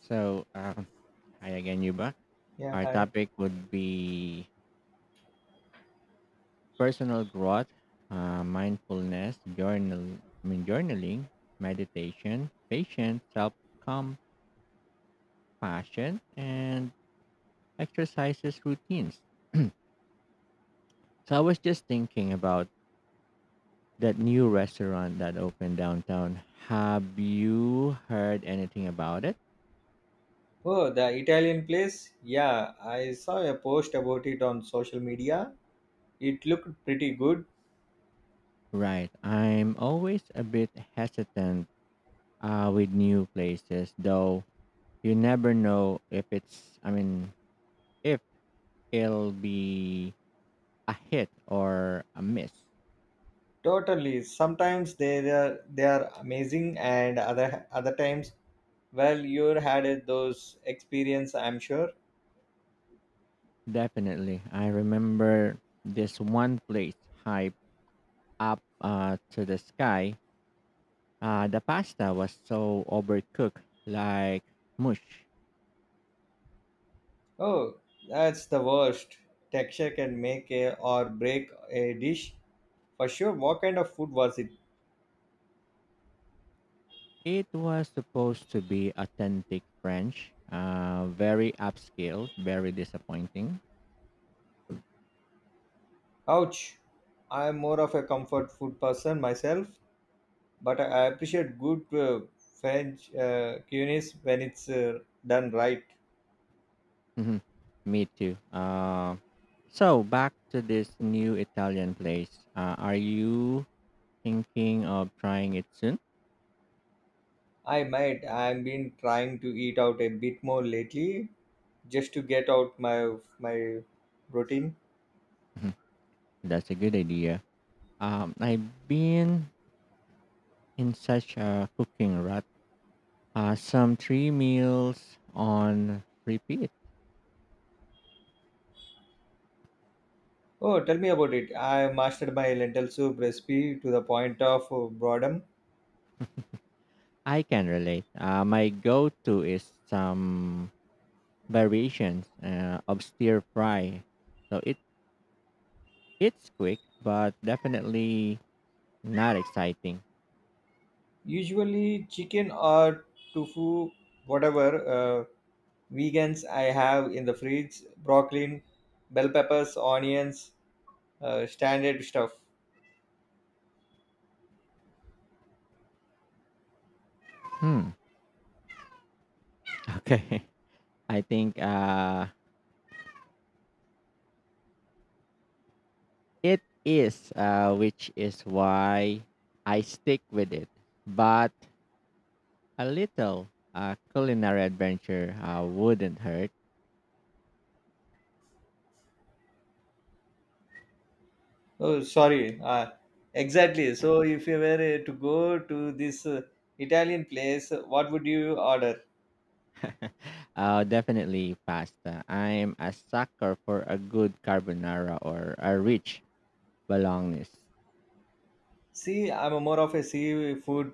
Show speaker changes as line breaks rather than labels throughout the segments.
So, um, hi again, Yuba.
Yeah,
Our
hi.
topic would be personal growth, mindfulness, journaling, meditation, patience, self-compassion, and exercises routines. So I was just thinking about that new restaurant that opened downtown. Have you heard anything about it?
Oh, the Italian place? Yeah, I saw a post about it on social media. It looked pretty good.
Right. I'm always a bit hesitant with new places, though you never know if it's I mean if it'll be a hit or a miss.
Totally. Sometimes they are amazing, and other times, well, you had it those experience, I'm sure.
Definitely, I remember this one place hype up to the sky. The pasta was so overcooked, like mush.
Oh, that's the worst. Texture can make a, or break a dish for sure. What kind of food was it?
It was supposed to be authentic French, very upscale, very disappointing.
Ouch. I'm more of a comfort food person myself, but I appreciate good French cuisine when it's done right.
Hmm. Me too. So back to this new Italian place. Are you thinking of trying it soon?
I might. I've been trying to eat out a bit more lately, just to get out my routine.
Mhm. That's a good idea. I've been in such a cooking rut. Some three meals on repeat.
Oh, tell me about it. I mastered my lentil soup recipe to the point of boredom.
I can relate. My go-to is some variations of stir fry. So it's quick, but definitely not exciting.
Usually, chicken or tofu, whatever uh, vegans I have in the fridge, broccoli, bell peppers, onions, standard stuff.
Hmm. Okay. I think it is which is why I stick with it. But a little culinary adventure wouldn't hurt.
Oh, sorry. Exactly. So, if you were to go to this Italian place, what would you order?
Definitely pasta. I'm a sucker for a good carbonara or a rich bolognese.
See, I'm a more of a seafood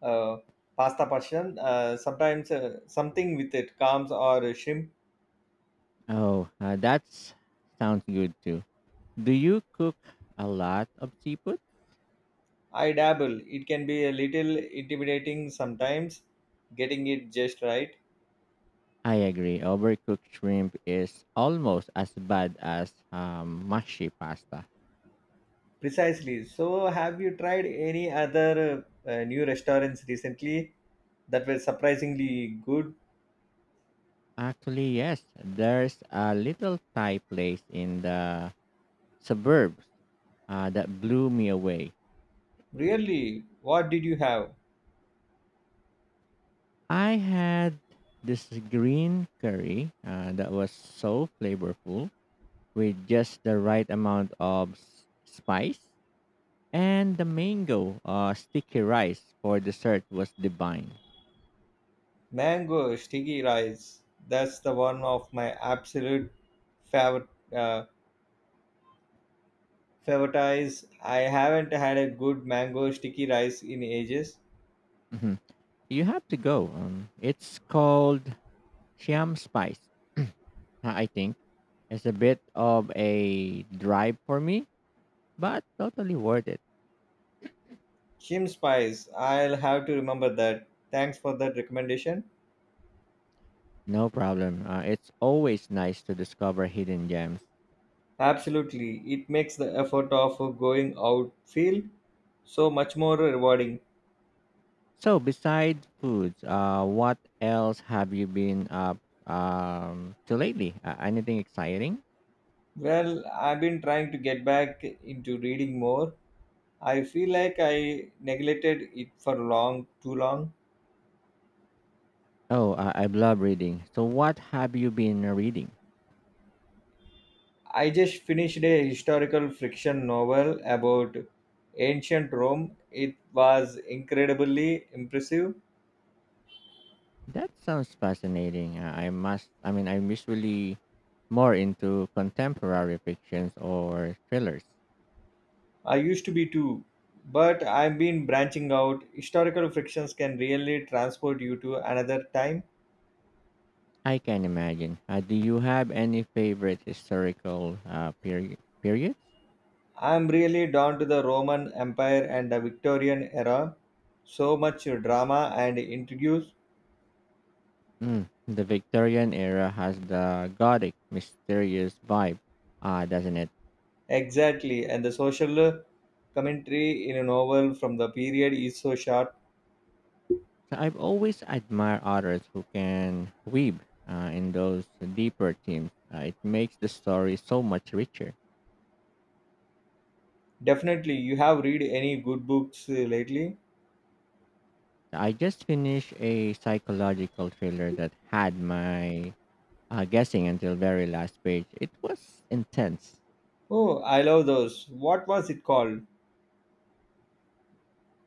uh, pasta person. Sometimes something with it, clams or shrimp.
Oh, that sounds good too. Do you cook a lot of seafood?
I dabble. It can be a little intimidating sometimes, getting it just right.
I agree. Overcooked shrimp is almost as bad as mushy pasta.
Precisely. So, have you tried any other new restaurants recently that were surprisingly good?
Actually, yes, there's a little Thai place in the suburbs that blew me away.
Really, what did you have?
I had this green curry that was so flavorful with just the right amount of spice, and the mango sticky rice for dessert was divine.
Mango sticky rice. That's the one of my absolute favorite uh, favorites. I haven't had a good mango sticky rice in ages.
Mhm. You have to go. It's called Siam Spice, I think. It's a bit of a drive for me, but totally worth it.
Chim spice. I'll have to remember that. Thanks for that recommendation.
No problem. It's always nice to discover hidden gems.
Absolutely, it makes the effort of going out feel so much more rewarding.
So besides foods, what else have you been up to lately? Anything exciting?
Well, I've been trying to get back into reading more. I feel like I neglected it for long, too long.
Oh, I love reading. So what have you been reading?
I just finished a historical fiction novel about ancient Rome. It was incredibly impressive.
That sounds fascinating. I must. I mean, I'm usually more into contemporary fictions or thrillers.
I used to be too, but I've been branching out. Historical fictions can really transport you to another time.
I can imagine. Do you have any favorite historical periods?
I'm really down to the Roman Empire and the Victorian era. So much drama and intrigue.
Mm, the Victorian era has the gothic, mysterious vibe, doesn't it?
Exactly, and the social commentary in a novel from the period is so sharp.
So I've always admired others who can weave in those deeper themes. It makes the story so much richer.
Definitely, you have read any good books lately?
I just finished a psychological thriller that had my guessing until very last page. It was intense.
Oh, I love those. What was it called?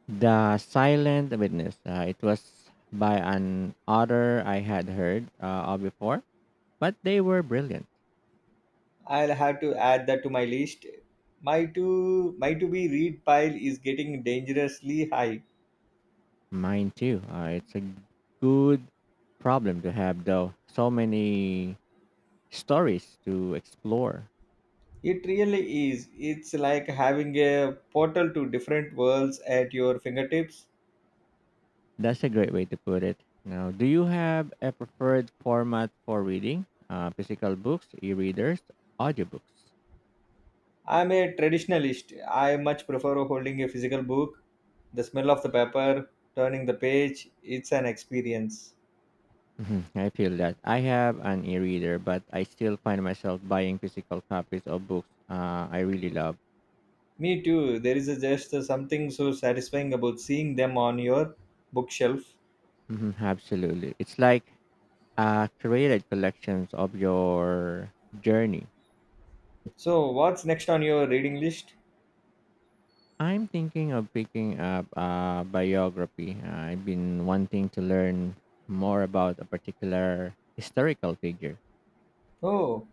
The Silent Witness. It was by an author I had heard of before, but they were brilliant.
I'll have to add that to my list. My to be read pile is getting dangerously high.
Mine too. It's a good problem to have, though. So many stories to explore.
It really is. It's like having a portal to different worlds at your fingertips.
That's a great way to put it. Now, do you have a preferred format for reading? Physical books, e-readers, audiobooks.
I'm a traditionalist. I much prefer holding a physical book. The smell of the paper, turning the page, it's an experience.
Mhm, I feel that I have an e-reader, but I still find myself buying physical copies of books I really love.
Me too. There is a just something so satisfying about seeing them on your bookshelf.
Mhm, absolutely, it's like curated collections of your journey.
So, what's next on your reading list?
I'm thinking of picking up a biography. I've been wanting to learn more about a particular historical figure.
Oh,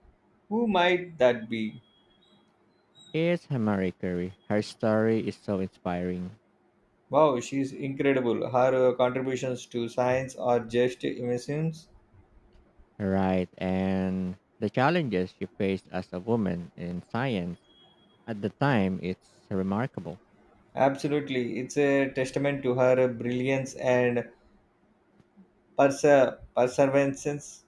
who might that be?
It's Marie Curie. Her story is so inspiring,
Wow, she's incredible. Her contributions to science are just immense.
right? And the challenges she faced as a woman in science at the time, it's remarkable.
Absolutely. It's a testament to her brilliance and perseverance.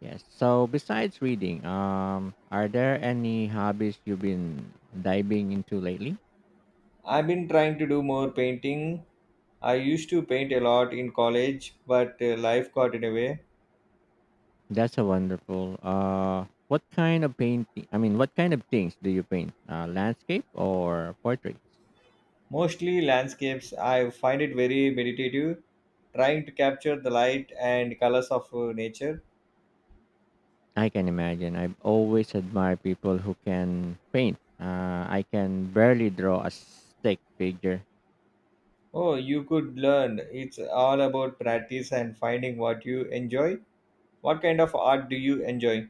Yes. So besides reading, are there any hobbies you've been diving into lately?
I've been trying to do more painting. I used to paint a lot in college, but life got in the way.
That's a wonderful. What kind of things do you paint? Landscape or portraits?
Mostly landscapes, I find it very meditative, trying to capture the light and colors of nature.
I can imagine. I've always admired people who can paint. I can barely draw a stick figure.
Oh, you could learn. It's all about practice and finding what you enjoy. What kind of art do you enjoy?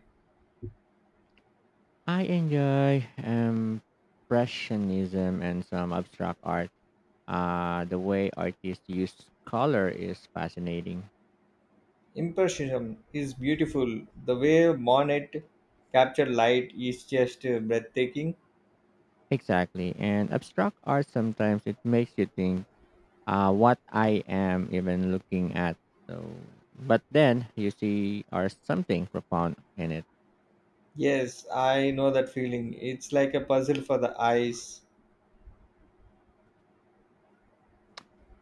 I enjoy impressionism and some abstract art. The way artists use color is fascinating.
Impressionism is beautiful. The way Monet captured light is just breathtaking.
Exactly, and abstract art sometimes it makes you think what I am even looking at. So, but then you see, are something profound in it.
Yes, I know that feeling. It's like a puzzle for the eyes.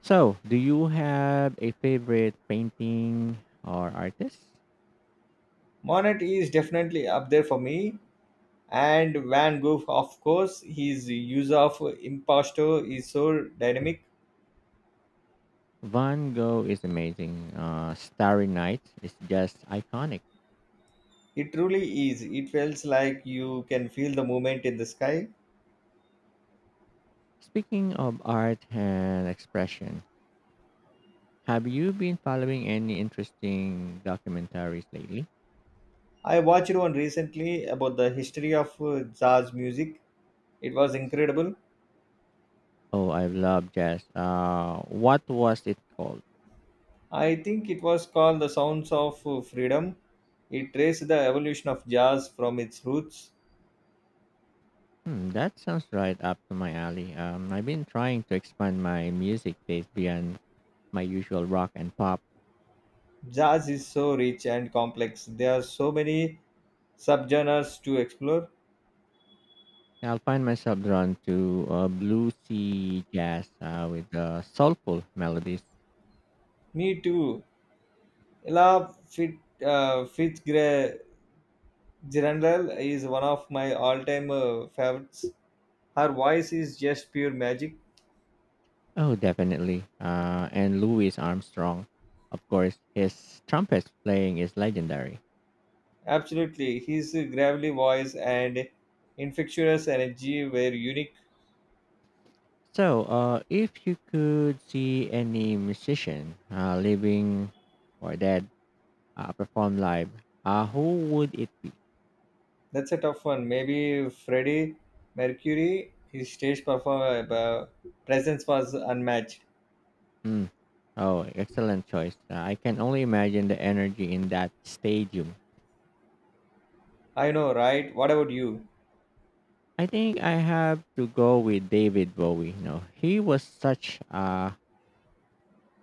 So, do you have a favorite painting or artist?
Monet is definitely up there for me, and van Gogh, of course. His use of imposto is so dynamic.
Van Gogh is amazing. Starry Night is just iconic.
It truly is. It feels like you can feel the movement in the sky.
Speaking of art and expression, have you been following any interesting documentaries lately?
I watched one recently about the history of jazz music. It was incredible.
Oh, I love jazz. What was it called?
I think it was called The Sounds of Freedom. It traced the evolution of jazz from its roots.
Hmm, that sounds right up to my alley. I've been trying to expand my music taste beyond my usual rock and pop.
Jazz is so rich and complex. There are so many subgenres to explore.
I'll find myself drawn to bluesy jazz with soulful melodies.
Me too. Ella Fit, Fitzgerald is one of my all-time favorites. Her voice is just pure magic.
Oh, definitely. And Louis Armstrong, of course, his trumpet playing is legendary.
Absolutely, his gravelly voice and infectious energy were unique.
So, if you could see any musician, living or dead, perform live, who would it
That's a tough one. Maybe Freddie Mercury, his stage presence was unmatched.
Mm. Oh, excellent choice. I can only imagine the energy in that stadium.
I know, right? What about you?
I think I have to go with David Bowie. You know, he was such a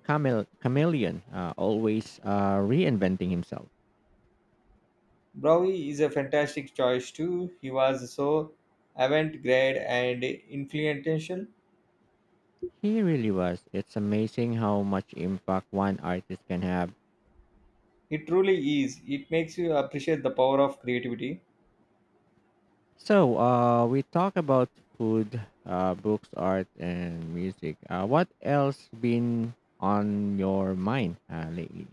chameleon, always reinventing himself.
Bowie is a fantastic choice too. He was so avant-garde and influential.
He really was. It's amazing how much impact one artist can have.
It truly is. It makes you appreciate the power of creativity.
So, we talk about food, books, art, and music. What else been on your mind lately?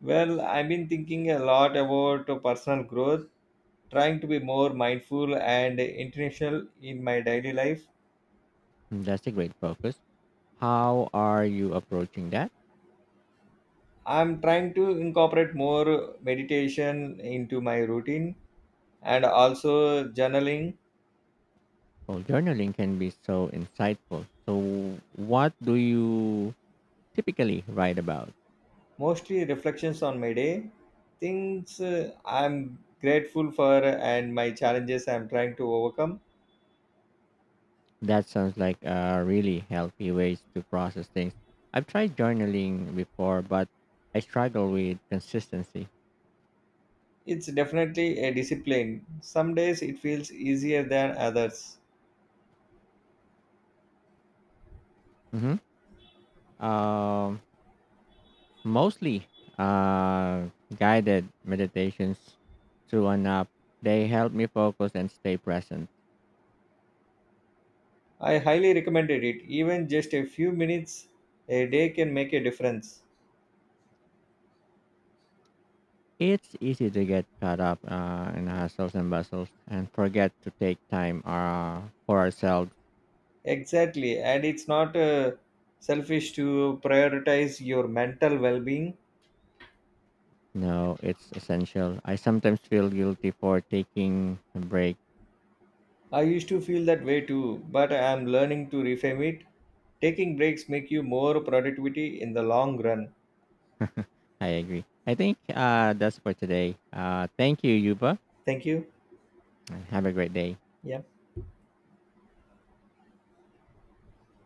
Well, I've been thinking a lot about personal growth, trying to be more mindful and intentional in my daily life.
That's a great focus. How are you approaching that?
I'm trying to incorporate more meditation into my routine and also journaling,
Well, journaling can be so insightful. So, what do you typically write about?
mostly reflections on my day, things I'm grateful for, and my challenges I'm trying to overcome.
That sounds like a really healthy ways to process things. I've tried journaling before, but I struggle with consistency.
It's definitely a discipline. Some days it feels easier than others.
Hmm. Um, mostly uh, guided meditations through an app. They help me focus and stay present.
I highly recommended it. Even just a few minutes a day can make a difference.
It's easy to get caught up in hustles and bustles and forget to take time for ourselves.
Exactly, and it's not selfish to prioritize your mental well being.
No, it's essential. I sometimes feel guilty for taking a break.
I used to feel that way too, but I am learning to reframe it. Taking breaks make you more productivity in the long run.
I agree. I think that's for today. Thank you, Yuba,
Thank you.
and have a great day.
Yeah.